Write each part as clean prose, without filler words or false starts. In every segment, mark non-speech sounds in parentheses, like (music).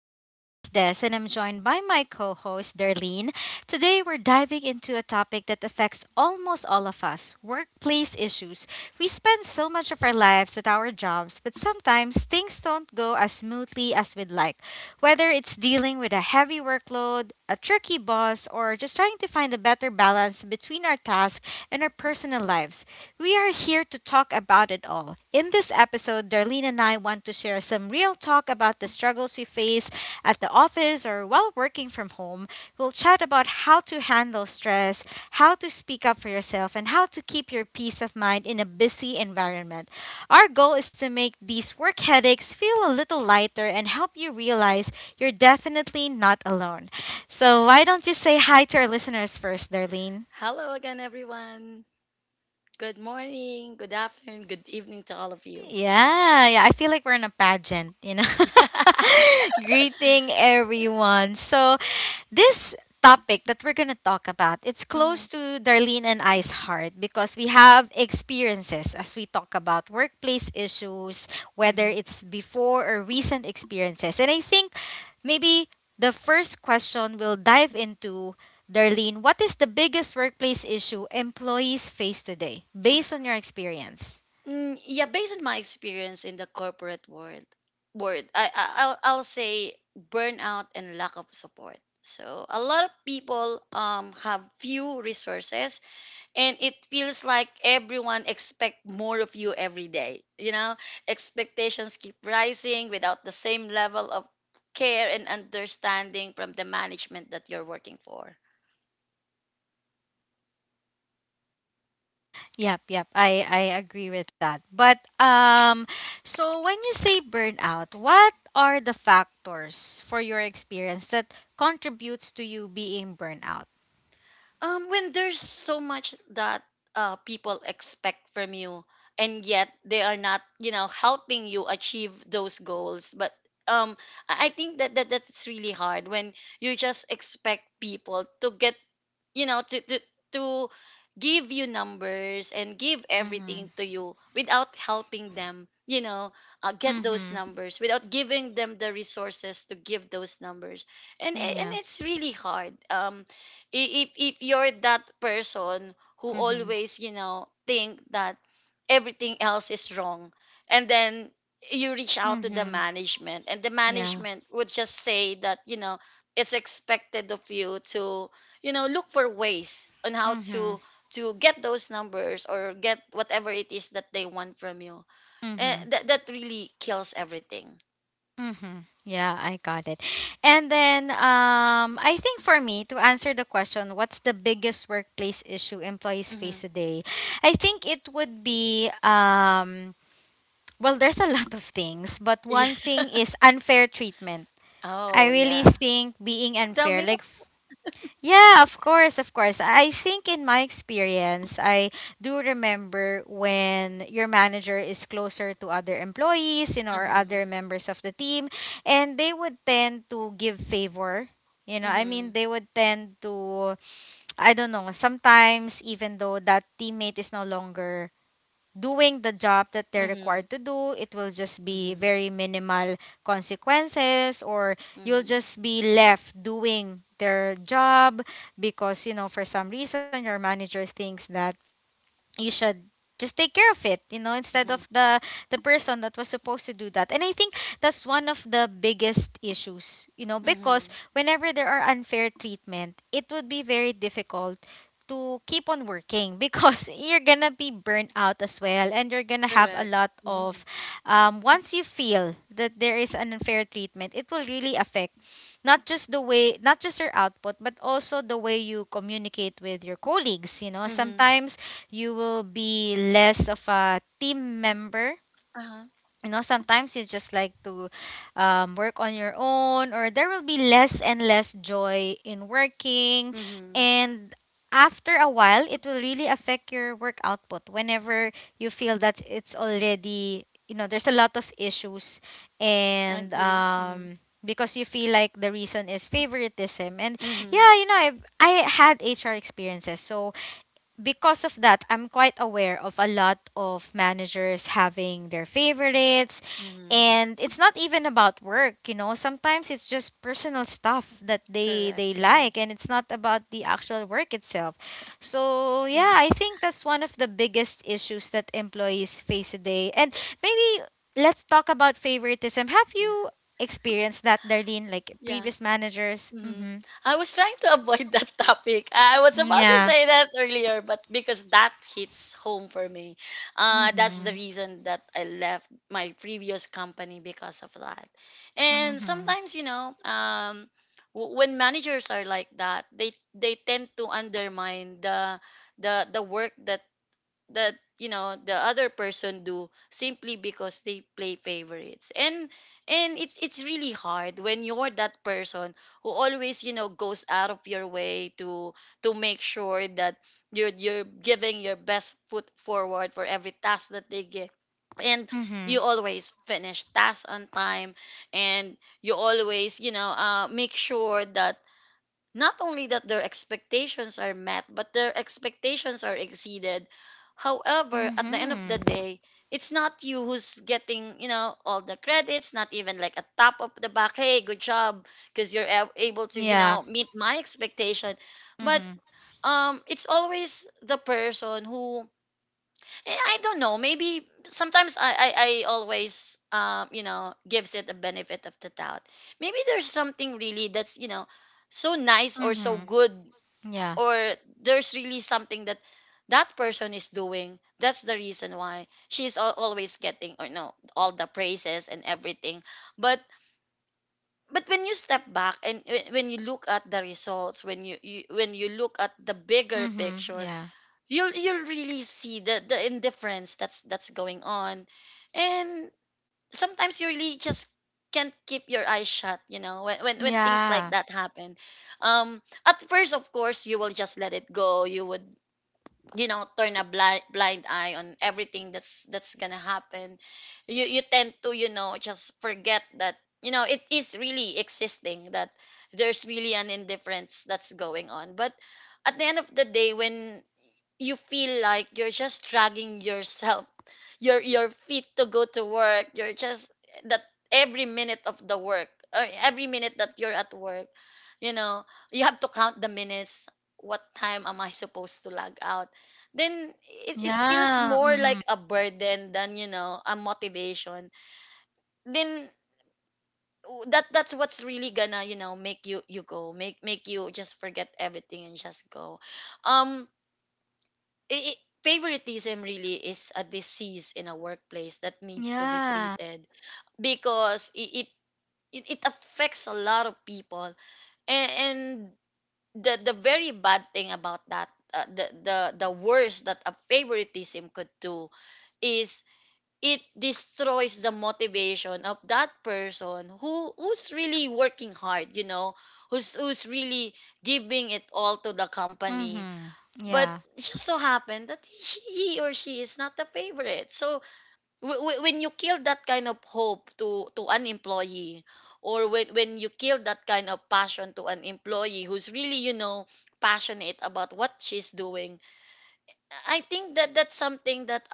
I'm your hostess, and I'm joined by my co host, Darlene. Today, we're diving into a topic that affects almost all of us workplace issues. We spend so much of our lives at our jobs, but sometimes things don't go as smoothly as we'd like. Whether it's dealing with a heavy workload, a tricky boss, or just trying to find a better balance between our tasks and our personal lives, we are here to talk about it all. In this episode, Darlene and I want to share some real talk about the struggles we face at the office or while working from home. We'll chat about how to handle stress, how to speak up for yourself, and how to keep your peace of mind in a busy environment. Our goal is to make these work headaches feel a little lighter and help you realize you're definitely not alone. So, why don't you say hi to our listeners first, Darlene? Hello again, everyone. Good morning, good afternoon, good evening to all of you. Yeah, yeah. I feel like we're in a pageant. (laughs) Greeting everyone. So, this topic that we're going to talk about, it's (laughs) Hmm. close to Darlene and I's heart because we have experiences as we talk about workplace issues, whether Hmm. it's before or recent experiences. And I think maybe the first question we'll dive into, Darlene, what is the biggest workplace issue employees face today based on your experience? Mm, yeah, based on my experience in the corporate world, I'll say burnout and lack of support. So a lot of people have few resources, and it feels like everyone expect more of you every day. Expectations keep rising without the same level of care and understanding from the management that you're working for. Yep, yep. I agree with that. But so when you say burnout, what are the factors for your experience that contributes to you being burnout? When there's so much that people expect from you, and yet they are not helping you achieve those goals. But um I think that that's really hard when you just expect people to get you know to to to give you numbers and give Mhm. everything to you without helping them, get those Mhm. numbers without giving them the resources to give those numbers. And Yeah. it's really hard. If you're that person who Mhm. always think that everything else is wrong, and then you reach out to the Mhm. management, and the Yeah. management would just say that it's expected of you to look for ways on how Mhm. to get those numbers or get whatever it is that they want from you. Mhm. And that really kills everything. Mhm. Yeah, I got it. And then I think for me to answer the question, what's the biggest workplace issue employees Mm-hmm. face today? I think it would be, well, there's a lot of things, but (laughs) one Yeah. thing is unfair treatment. Oh, I really yeah. think being Tell unfair, me more. like, yeah, of course, of course. I think in my experience, I do remember when your manager is closer to other employees, you know, or Uh-huh. other members of the team, and they would tend to give favor. You know, I mean, Mm-hmm. they would tend to, I don't know, sometimes even though that teammate is no longer doing the job that they're Mm-hmm. required to do. It will just be Mm-hmm. very minimal consequences, or you'll Mm-hmm. just be left doing their job because, you know, for some reason your manager thinks that you should just take care of it, you know, instead Mm-hmm. of the person that was supposed to do that. And I think that's one of the biggest issues, you know, because Mm-hmm. whenever there are unfair treatment it would be very difficult to keep on working because (laughs) you're gonna be burnt out as well, and you're gonna have a Correct. lot Mm-hmm. of. Once you feel that there is an unfair treatment, it will really affect not just the way, not just your output, but also the way you communicate with your colleagues. You know, Mm-hmm. sometimes you will be less of a team member. Uh-huh. You know, sometimes you just like to, work on your own, or there will be less and less joy in working. Mm-hmm. And after a while, it will really affect your work output whenever you feel that it's already, you know, there's a lot of issues. And, Agree. Mm-hmm. Because you feel like the reason is favoritism. And Mm-hmm. yeah, you know, I had HR experiences, so because of that, I'm quite aware of a lot of managers having their favorites. Mm-hmm. And it's not even about work, you know. Sometimes it's just personal stuff that they Correct. they Mm-hmm. like, and it's not about the actual work itself. So, yeah, Mm-hmm. I think that's one of the biggest issues that employees face today. And maybe let's talk about favoritism. Have Yeah. you experienced that, Darlene, like Yeah. previous managers? Mhm. Mhm. I was trying to avoid that (laughs) topic. I was about to Yeah. say that earlier, but because that hits home for me, that's the Mhm. reason that I left my previous company because of that. And Mhm. sometimes, when managers are like that, they tend to undermine the work that the other person do, simply because they play favorites. And it's really hard when you're that person who always goes out of your way to make sure that you're giving your best foot forward for every task that they get, and you Mhm. always finish tasks on time, and you always make sure that not only that their expectations are met, but their expectations are exceeded. However, at the end of the Mhm. day, it's not you who's getting all the credits, not even like a top of the back, hey, good job, because you're able toYeah. Meet my expectation. But Mhm. It's always the person who I don't know. Maybe sometimes I always gives it a benefit of the doubt. Maybe there's something really that's so nice or so Mhm. good, Yeah. or there's really something that that person is doing that's the reason why she's always getting, or no, all the praises and everything. But but when you step back, and when you look at the results, when you look at the bigger Mhm. picture, Yeah. you'll really see the indifference that's going on. And sometimes you really just can't keep your eyes shut, when when things like Yeah. that happen. um at first, of course, you will just let it go. You would turn a blind eye on everything that's gonna happen. You tend to just forget that it is really existing, that there's really an indifference that's going on. But at the end of the day, when you feel like you're just dragging yourself, your feet to go to work, you're just that every minute of the work, or every minute that you're at work, you know you have to count the minutes, what time am I supposed to log out, then it feels Yeah. more Mhm. like a burden than a motivation. Then that's what's really gonna make you you go make make you just forget everything and just go. um Favoritism really is a disease in a workplace that needs to be Yeah. treated, because it affects a lot of people. And the very bad thing about that, the worst that a favoritism could do is it destroys the motivation of that person who's really working hard, who's really giving it all to the company. Mhm. But Yeah. it just so happened that he or she is not the favorite. So when you kill that kind of hope to an employee, or when you kill that kind of passion to an employee who's really passionate about what she's doing, I think that that's something that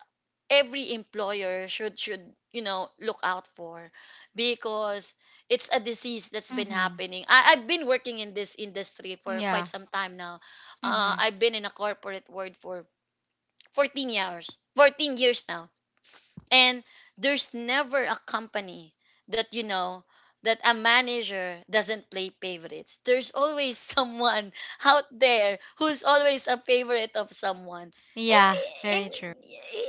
every employer should look out for, because it's a disease that's been Mhm. happening. I've been working in this industry for quite Yeah. some time now. Mhm. I've been in a corporate world for 14 years now, and there's never a company that you know that a manager doesn't play favorites. There's always (laughs) someone out there who's always a favorite of someone. and Yeah. and Very true.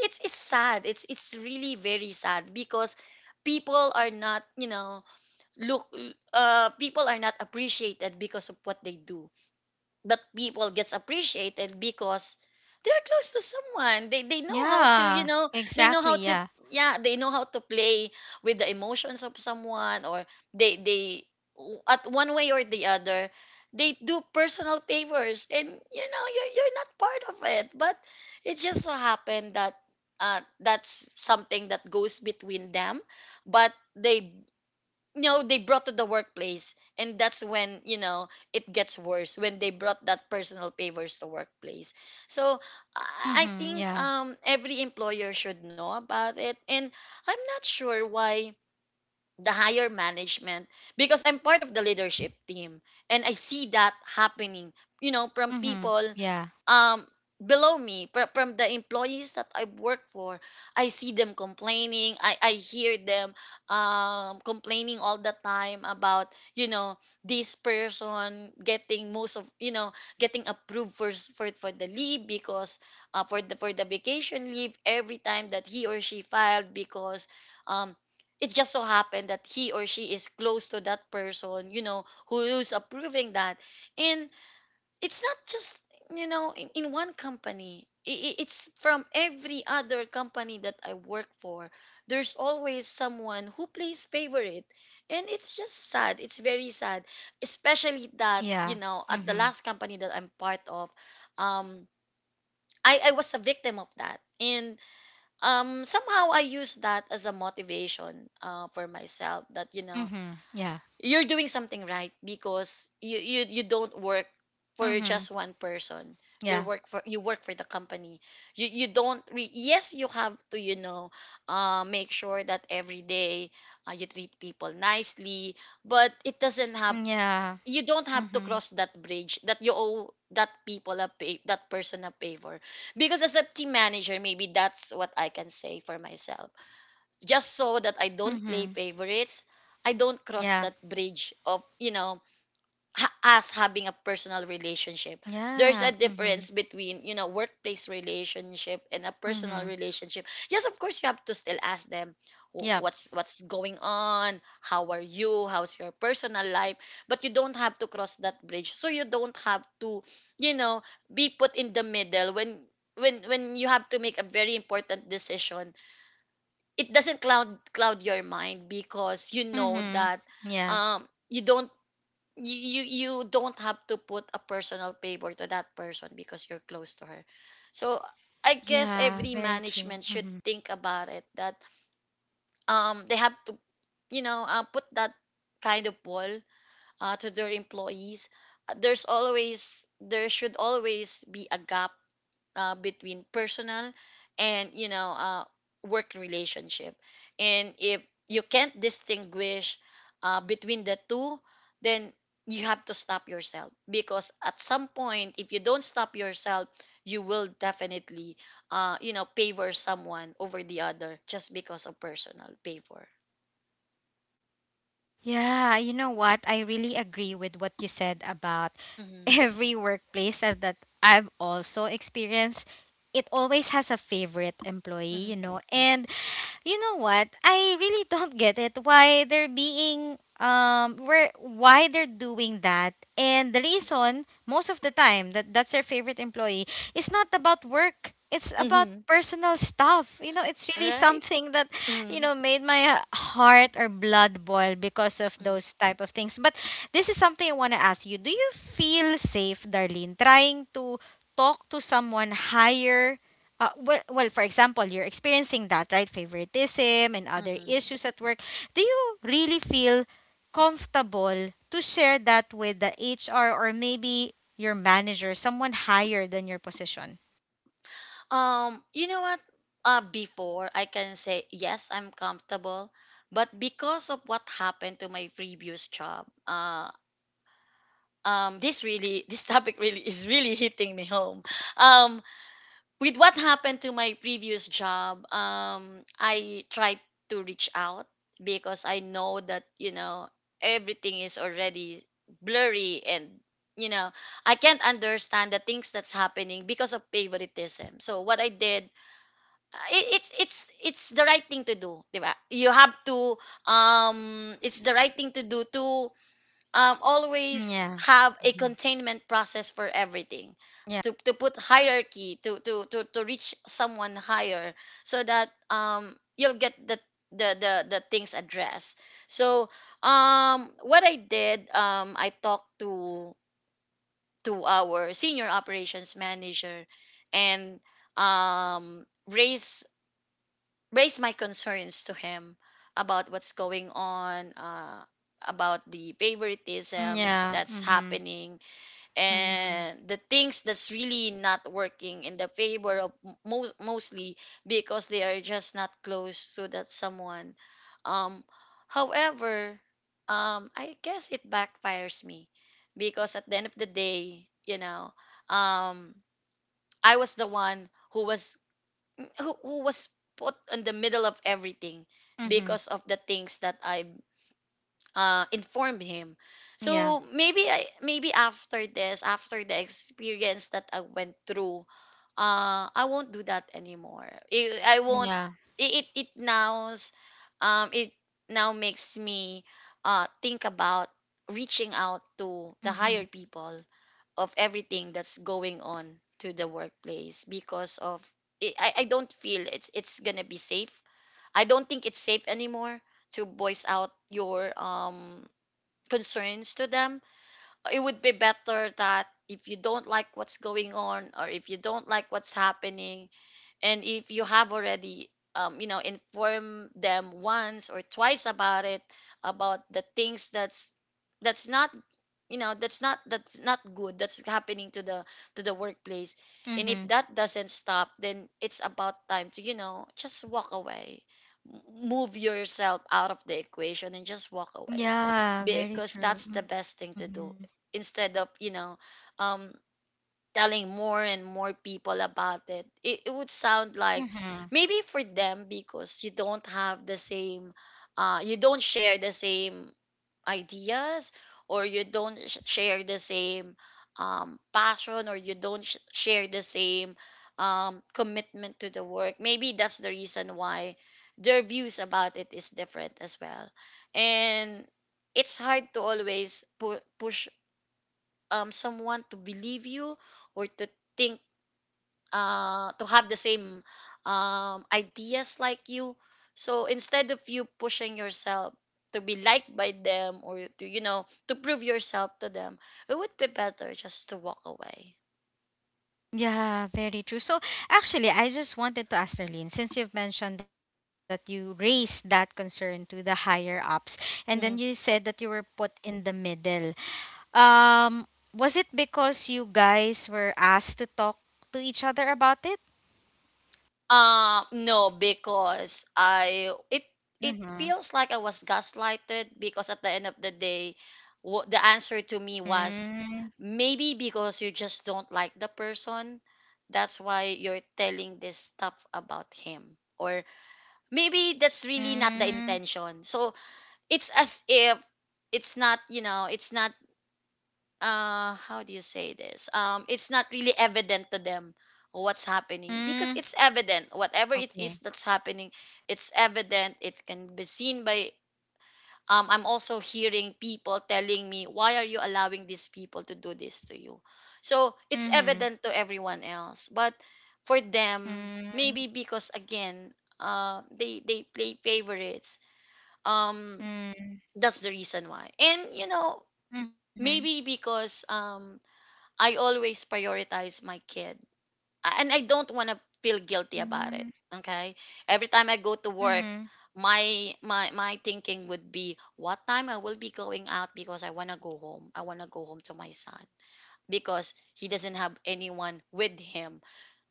it's sad. It's really very sad, because people are not you know look people are not appreciated because of what they do. That people gets appreciated because they're close to someone. They know how to Yeah. They know Exactly. how to Yeah. yeah they know how to play with the emotions of someone, or they at one way or the other, they do personal favors, and you're not part of it, but it just so happened that that's something that goes between them. But they, no, they brought to the workplace, and that's when it gets worse when they brought that personal favors to workplace. So I Mhm. think Yeah. Every employer should know about it, and I'm not sure why the higher management, because I'm part of the leadership team, and I see that happening. From Mhm. people Yeah. um below me, from the employees that I work for, I see them complaining. I hear them complaining all the time about this person getting most of you know getting approved for for the leave, because for the vacation leave every time that he or she filed, because um it just so happened that he or she is close to that person, who is approving that. And it's not just in one company. It's from every other company that I work for. There's always someone who plays favorite, and it's just sad. It's very sad, especially that Yeah. At the Mhm. last company that I'm part of, um I was a victim of that. And somehow I use that as a motivation, for myself, that Mhm. Yeah. you're doing something right because you don't work for just Mhm. one person. You Yeah. work for the company. You don't you have to, make sure that every day, you treat people nicely, but it doesn't have, Yeah. you don't have to Mhm. cross that bridge, that you owe that people a pay, that person a favor, because as a team manager, maybe that's what I can say for myself, just so that I don't play Mhm. favorites, I don't cross Yeah. that bridge of, you know, us having a personal relationship. There's a Yeah. Mhm. difference between, you know, workplace relationship and a personal Mhm. relationship. Yes, of course you have to still ask them, "Wh- Yep. what's what's going on, how are you, how's your personal life," but you don't have to cross that bridge. So you don't have to, you know, be put in the middle when when you have to make a very important decision. It doesn't cloud your mind, because you know Mhm. that Yeah. You don't, you don't have to put a personal favor to that person because you're close to her. So I guess Yeah, every very true. management should Hmm. think about it, that they have to, you know, put that kind of wall, to their employees. There's always, there should always be a gap, between personal and, you know, work relationship. And if you can't distinguish, between the two, then you have to stop yourself, because at some point, if you don't stop yourself, you will definitely, you know, favor someone over the other just because of personal favor. Yeah, you know what? I really agree with what you said about Mm-hmm. (laughs) every workplace that that I've also experienced. It always has a favorite employee, you Mm-hmm. know. And you know what? I really (laughs) don't get it why they're being where why they're doing that. And the reason most of the time that that's their favorite employee is not about work. It's about Mm-hmm. personal stuff. You know, it's really Right. something that Mm-hmm. Made my heart or blood boil because of those type of things. But this is something I want to ask you. Do you feel safe, Darlene, trying to talk to someone higher, well, for example, you're experiencing that, right? Favoritism and other Mm-hmm. issues at work. Do you really feel comfortable to share that with the HR or maybe your manager, someone higher than your position? You know what? Before I can say yes, I'm comfortable, but because of what happened to my previous job, (laughs) this topic really is really hitting me home. Um, with what happened to my previous job, I tried to reach out because I know that everything is already blurry and you know I can't understand the things that's happening because of favoritism. So what I did it, it's the right thing to do, 'di ba? You have to it's the right thing to do to always Yeah. have a Mhm. containment process for everything. Yeah. To put hierarchy to reach someone higher so that you'll get the things addressed. So what I did, I talked to our senior operations manager and um raise raise my concerns to him about what's going on, about the favoritism Yeah. that's Mhm. happening, Mhm. and the things that's really not working in the favor of mostly because they are just not close to that someone. Um, however, I guess it backfires me because at the end of the day, um, I was the one who was who was put in the middle of everything Mhm. because of the things that I, informed him. Yeah. So maybe after this, after the experience that I went through, I won't do that anymore. I won't. Yeah. It it, it nows, it now makes me think about reaching out to the higher Mhm. people of everything that's going on to the workplace because of I don't feel it's gonna be safe. I don't think it's safe anymore to voice out your concerns to them. It would be better that if you don't like what's going on or if you don't like what's happening, and if you have already, inform them once or twice about it, about the things that's not that's not good that's happening to the workplace, and if Mhm. that doesn't stop, then it's about time to, just walk away. Move yourself out of the equation and just walk away, Yeah, very because true. that's the Mhm. best thing to do instead of, um telling more and more people about it. Would sound like, Mhm. maybe, for them, because you don't have the same, you don't share the same ideas, or you don't share the same, passion, or you don't share the same, commitment to the work, maybe that's the reason why their views about it is different as well. And it's hard to always push, someone to believe you, or to think, to have the same, ideas like you. So instead of you pushing yourself to be liked by them, or to, to prove yourself to them, it would be better just to walk away. Yeah, very true. So actually, I just wanted to ask Darlene, since you've mentioned that you raised that concern to the higher ups, and then you said that you were put in the middle. Um, was it because you guys were asked to talk to each other about it? No, because I it it feels Mm-hmm. like I was gaslighted, because at the end of the day, what the answer to me was, Mm, maybe because you just don't like the person, that's why you're telling this stuff about him. Or maybe that's really not the mm, intention. So it's as if it's not, you know, it's not, how do you say this, it's not really evident to them what's happening, because it's mm. evident, whatever it is that's Okay. happening, it's evident, it can be seen by, I'm also hearing people telling me, why are you allowing these people to do this to you? So it's evident to Mm-hmm. everyone else, but for them, maybe, Mm, because again, they play favorites, um that's mm, the reason why. And you know, mm-hmm. maybe because, I always prioritize my kid. And I don't want to feel guilty Mm, about it. Okay? Every time I go to work, mm-hmm. my thinking would be, what time I will be going out, because I want to go home. I want to go home to my son because he doesn't have anyone with him,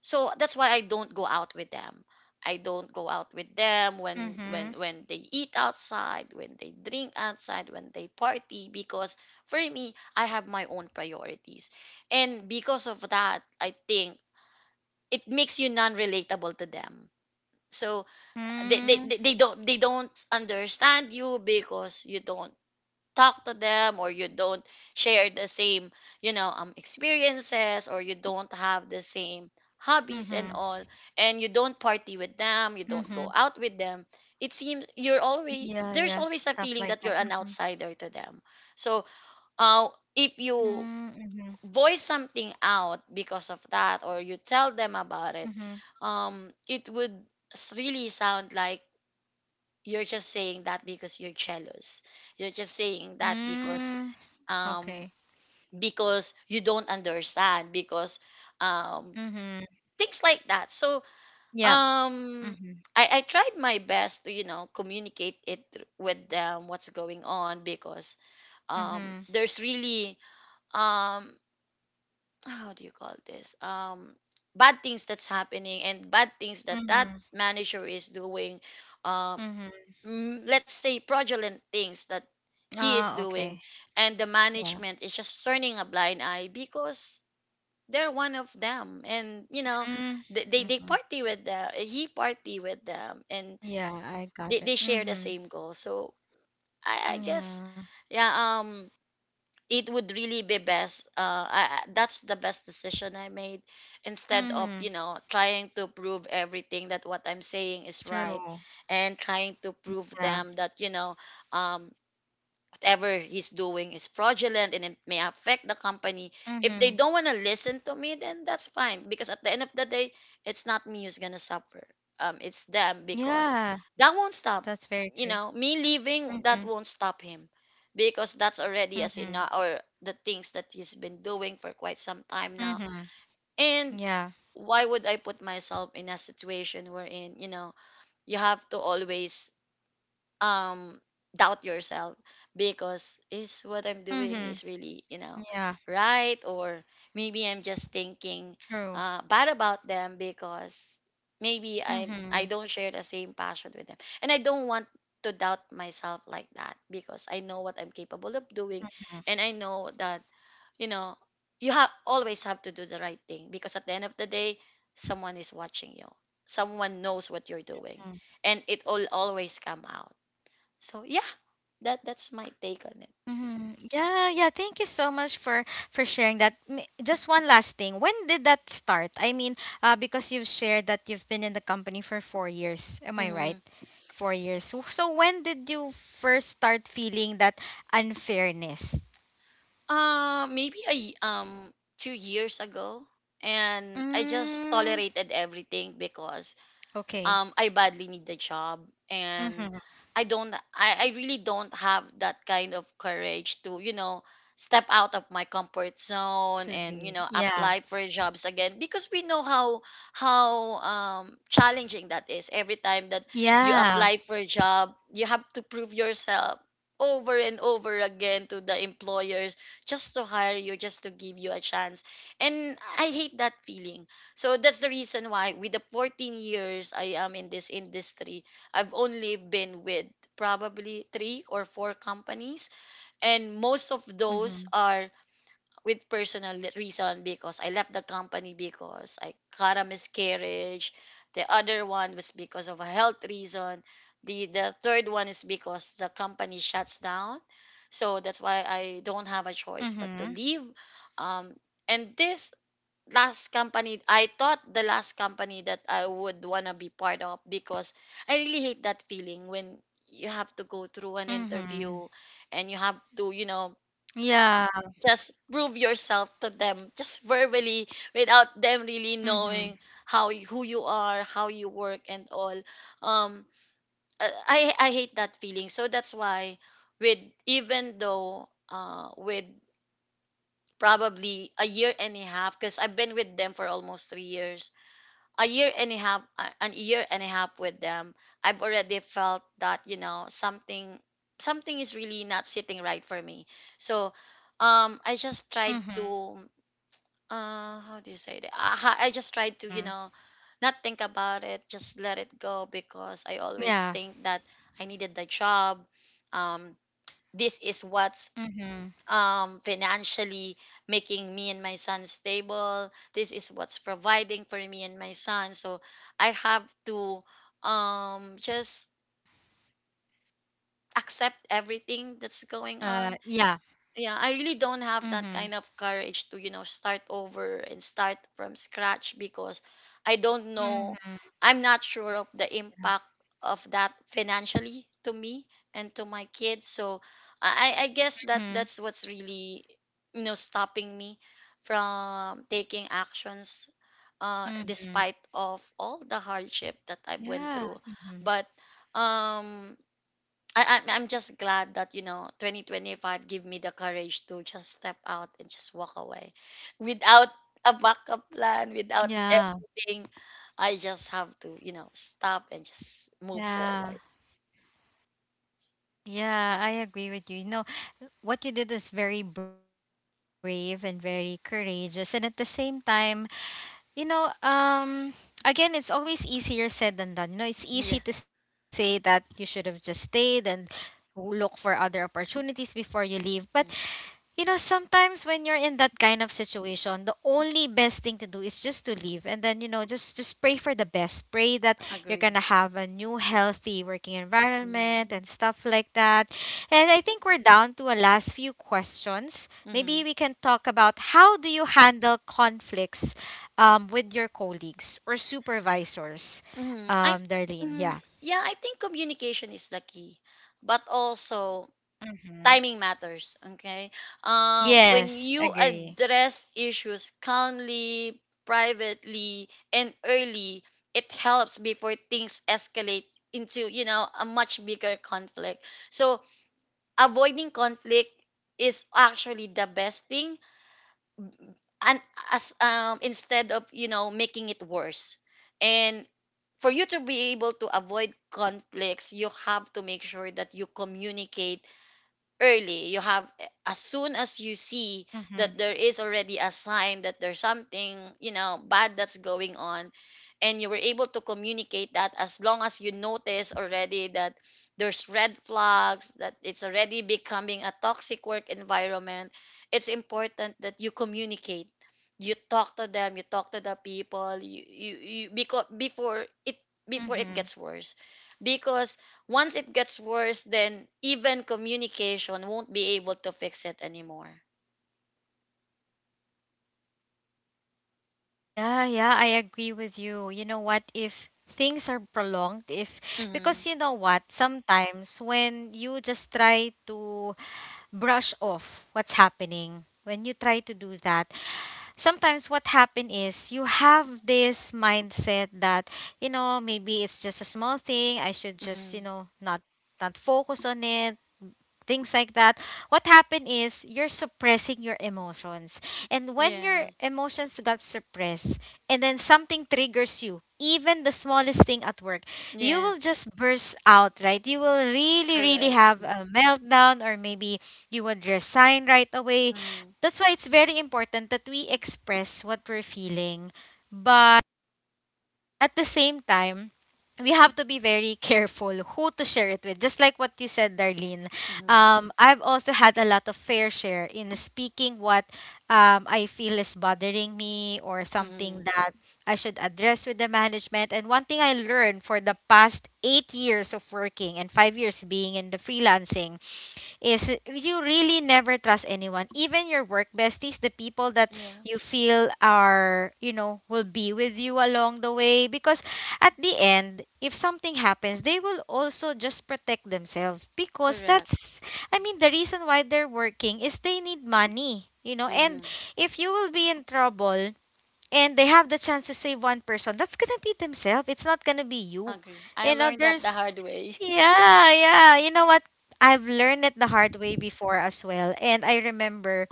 so that's why I don't go out with them. I don't go out with them when Mm-hmm. They eat outside, when they drink outside, when they party, because for me, I have my own priorities. And because of that, I think it makes you non-relatable to them. So they don't, they don't understand you, because you don't talk to them, or you don't share the same, experiences, or you don't have the same Mm, hobbies and all, and you don't party with mm-hmm. them, you don't go out with them. It seems you're Yeah, yeah, always, stuff there's like always a that. feeling Mm-hmm. that you're an outsider to them. So uh if Mm, you Mm-hmm. voice something out because of that, or you tell them about it, Mm-hmm. It would really sound like you're just saying that because you're jealous, you're just saying that because, Mm, um, okay. because you don't understand, because, um, Mm-hmm. things like that. So, Yeah. um, I, Mm-hmm. I tried my best to, communicate it with them, what's going on, because, there's Mm-hmm. really, um, how do you call this, bad things that's happening, and bad things that that manager Mm-hmm. is doing, um, Mm-hmm. let's say, fraudulent things that he is doing, Ah, and the okay. management is just Yeah. turning a blind eye because they're one of them. And you know, they Mm, party with them, Mm-hmm. he party with them, and Yeah, I they got it. share the same Mm-hmm. goal. So I guess, Yeah. yeah, it would really be best, that's the best decision I made, instead of, Mm-hmm. trying to prove everything that what I'm saying is right, True. and trying to prove them Yeah. that, um whatever he's doing is fraudulent and it may affect the company. If they Mm-hmm. don't want to listen to me, then that's fine, because at the end of the day, it's not me who's gonna suffer. It's them, because Yeah, that won't stop. that's You very know, true. me leaving, that won't Mm-hmm. stop him, because that's already as enough Mm-hmm. or the things that he's been doing for quite some time now. Mm-hmm. And Yeah. why would I put myself in a situation wherein, you know, you have to always, um doubt yourself, because is Mm-hmm. what I'm doing is Yeah, really, you know, right, or maybe I'm just true. thinking, bad about them, because maybe Mm-hmm. I don't share the same passion with them, and I don't want to doubt myself like that, because I know what I'm capable of doing, and I know that, you know, you have always have to do the right thing, because at the end of the day, someone is watching you, someone knows what you're doing, Mm-hmm. and it will always come out. So yeah, that's my take on it. Hmm. Yeah, yeah. Thank you so much for sharing that. Just one last thing. When did that start? I mean, because you've shared that you've been in the company for four Hmm. years. Am I right? 4 years. So when did you first start feeling that unfairness? Maybe 2 years ago, and I just tolerated Mm, everything because I badly need okay. the job, and I don't, Mm-hmm. I really don't have that kind of courage to, you know, step out of my comfort To leave. zone and, you Yeah. know, apply for jobs again, because we know how, challenging that is. Every time that you apply for Yeah. a job, you have to prove yourself over and over again to the employers, just to hire you, just to give you a chance. And I hate that feeling, so that's the reason why, with the 14 years I am in this industry, I've only been with probably three or four companies, and most of those Mm-hmm. are with personal reason, because I left the company because I got a miscarriage. The other one was because of a health reason. The third one is because the company shuts down. So that's why I don't have Mm-hmm. a choice but to leave. Um, and this last company, I thought the last company that I would wanna be part of, because I really hate that feeling when you have to go through an Mm-hmm. interview and you have to, you know, Yeah. just prove yourself to them just verbally, without them Mm-hmm. really knowing who you are, how you work and all. Um, I hate that feeling. So that's why, with, even though, with probably a year and a half, because I've been with them for almost 3 years, a year and a half, a an year and a half with them, I've already felt that, you know, something, something is really not sitting right for me. So I Mm-hmm. just tried to, how do you say that, I just tried to, you know, not think about it, just let it go, because I Yeah. always think that I needed the job, um this is what, Mm-hmm. Financially making me and my son stable. This is what's providing for me and my son. So Mm-hmm. I have to, Yeah. just accept everything that's Uh, going yeah. on. Yeah, I really don't Mhm. have that kind of courage to, you know, start over and start from scratch, because I don't Mhm. know, I'm not sure of the impact of that financially to me and to my kids. Mhm. So I guess that that's what's really, you know, stopping me from taking Mhm. actions, despite of all Yeah. the Mhm. hardship that I went through. But um I, I'm just glad that, you know, 2025 give me the courage to just step out and just walk away without a backup Yeah. plan, without everything. I just have to, you know, stop and Yeah. just move forward. Yeah, I agree with you. You know, what you did is very brave and very courageous. And at the same time, you know, um, again, it's always easier said than done. You know, it's easy to say that you should have just Yes. stayed and look for other opportunities before you leave. But you know, sometimes when you're Mm. in that kind of situation, the only best thing to do is just to leave and then, just pray for the best. Pray that you're going to have a new Agree. healthy working environment and stuff like that. Mm-hmm. And I think we're down to a last few questions. Maybe we can talk about Mm-hmm. how do you handle conflicts with your colleagues or supervisors? Mm-hmm. I Darlene, yeah. hmm Yeah, I think communication is the key, but also Mhm. timing matters. Okay, when Yes, you agree. address issues calmly, privately and early, it helps before things escalate into, you know, a much bigger conflict. So avoiding conflict is actually the best thing. And as, instead of, you know, making it worse. And for you to be able to avoid conflicts, you have to make sure that you communicate early. You have, as soon as you see Mhm. that there is already a sign that there's something, you know, bad that's going on, and you were able to communicate that. As long as you notice already that there's red flags, that it's already becoming a toxic work environment, it's important that you communicate, you talk to them, you talk to the people, you because Mhm. before it gets worse, because once it gets worse, then even communication won't be able to fix it anymore. Yeah, yeah, I agree with you. You know what? If things are prolonged, if Mm-hmm. because you know what, sometimes when you just try to brush off what's happening, when you try to do that, sometimes what happen is you have this mindset that, you know, maybe it's just a small thing, I should just, you Mm-hmm. know, not focus on it, things like that. What happened is you're suppressing your emotions, and when your Yes. emotions got suppressed and then something triggers you, even the smallest thing at work, you will Yes. just burst out. Right, you will really really Correct. have a meltdown, or maybe you would resign right away. Mm-hmm. That's why it's very important that we express what we're feeling. But at the same time, we have to be very (laughs) careful who to share it with. Just like what you said, Darlene. Mm-hmm. I've also had a lot of fair share in speaking what, I feel is bothering me or something Mm-hmm. that I should address with the management. And one thing I learned for the past 8 years of working and 5 years being in the freelancing is you really never trust anyone, even your work besties, the people that Yeah. you feel are, will be with you along the way, because at the end if something happens they will also just protect themselves, because Correct. that's, I mean, the reason why they're working is they need money, you know, and Mm-hmm. if you will be in trouble and they have the chance to save one person, that's gonna be themselves, it's not gonna be you. Agree. I You know, learned that the there's hard way. yeah, yeah. You know what? I've learned it the hard way before as well. And I remember,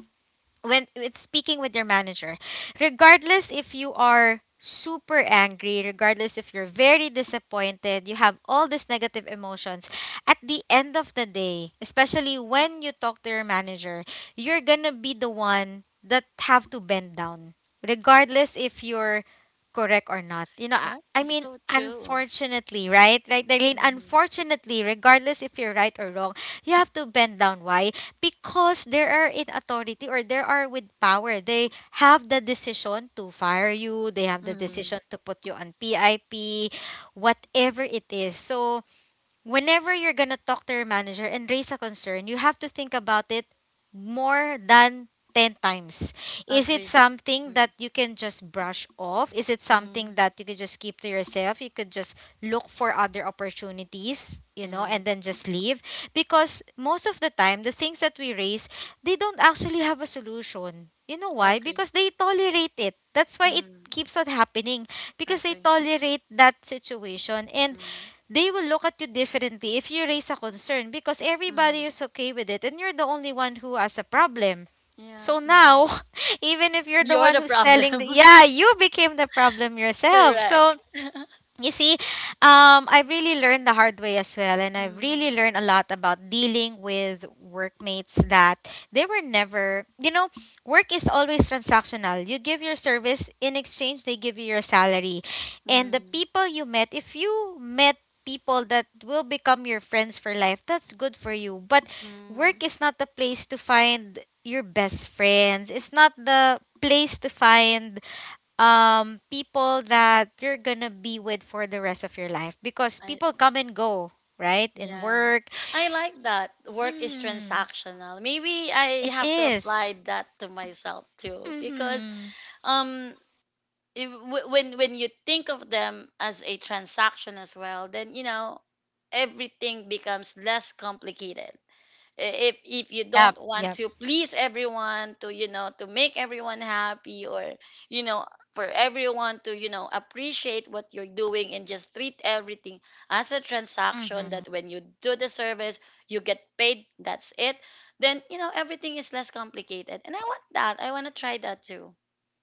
when with speaking with your manager, regardless if you are super angry, regardless if you're very disappointed, you have all these negative emotions. At the end of the day, especially when you talk to your manager, you're gonna be the one that have to bend down, regardless if you're correct or not. You (laughs) know, i, That's I mean, so true. unfortunately, right, right, Darlene? Mm-hmm. Unfortunately, regardless if you're right or wrong, you have to bend down. Why? Because they are in authority or they are with power. They have the decision to fire you, they have the Mm-hmm. decision to put you on PIP, whatever it is. So, whenever you're going to talk to your manager and raise a concern, you have to think about it more than 10 times. Is it Agree. something Mm-hmm. that you can just brush off? Is it something that you could just keep to yourself? You could just look for other opportunities, you know, Mm-hmm. and then just leave? Because most of the time, the things that we raise, they don't actually have a solution. You know why? Agree. Because they tolerate it. That's why it Mm-hmm. keeps on happening, because they Agree. tolerate that situation, and Mm-hmm. they will look at you differently if you raise a concern because Mm-hmm. everybody is okay with it and you're the only one who has a problem. Yeah. So Mm-hmm. now, (laughs) even if you're the You're the one who's telling the, problem. yeah, you became the problem (laughs) yourself. Correct. So you see, I have really learned the hard way as well, and I've Mm-hmm. really learned a lot about dealing with workmates that they were never, you know, work is always transactional. You give your service, in exchange, they give you your salary. And the Mm, people you met, if you met people that will become your friends for life, that's good for you. But mm, work is not the place to find your best friends, it's not the place to find people that you're gonna be with for the rest of your life, because I people come and go right in yeah. work. I like that. Work is mm, transactional. Maybe I it have to is. apply that to myself too, because Mm-hmm. um when you think of them as a transaction as well, then, you know, everything becomes less complicated. If you don't Yep, want yep. to please everyone, to, you know, to make everyone happy, or, you know, for everyone to, you know, appreciate what you're doing, and just treat everything as a transaction, Mm-hmm. that when you do the service, you get paid, that's it, then, you know, everything is less complicated, and I want that, I want to try that too.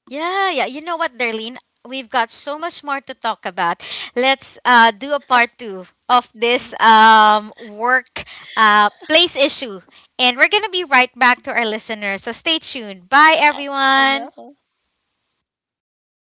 Yeah, yeah, you know what, Darlene, we've got so much more to talk about. Let's, do a part two of this, work, place issue. And we're gonna be right back to our I listeners, so know. stay tuned. Bye, everyone. Bye, everyone.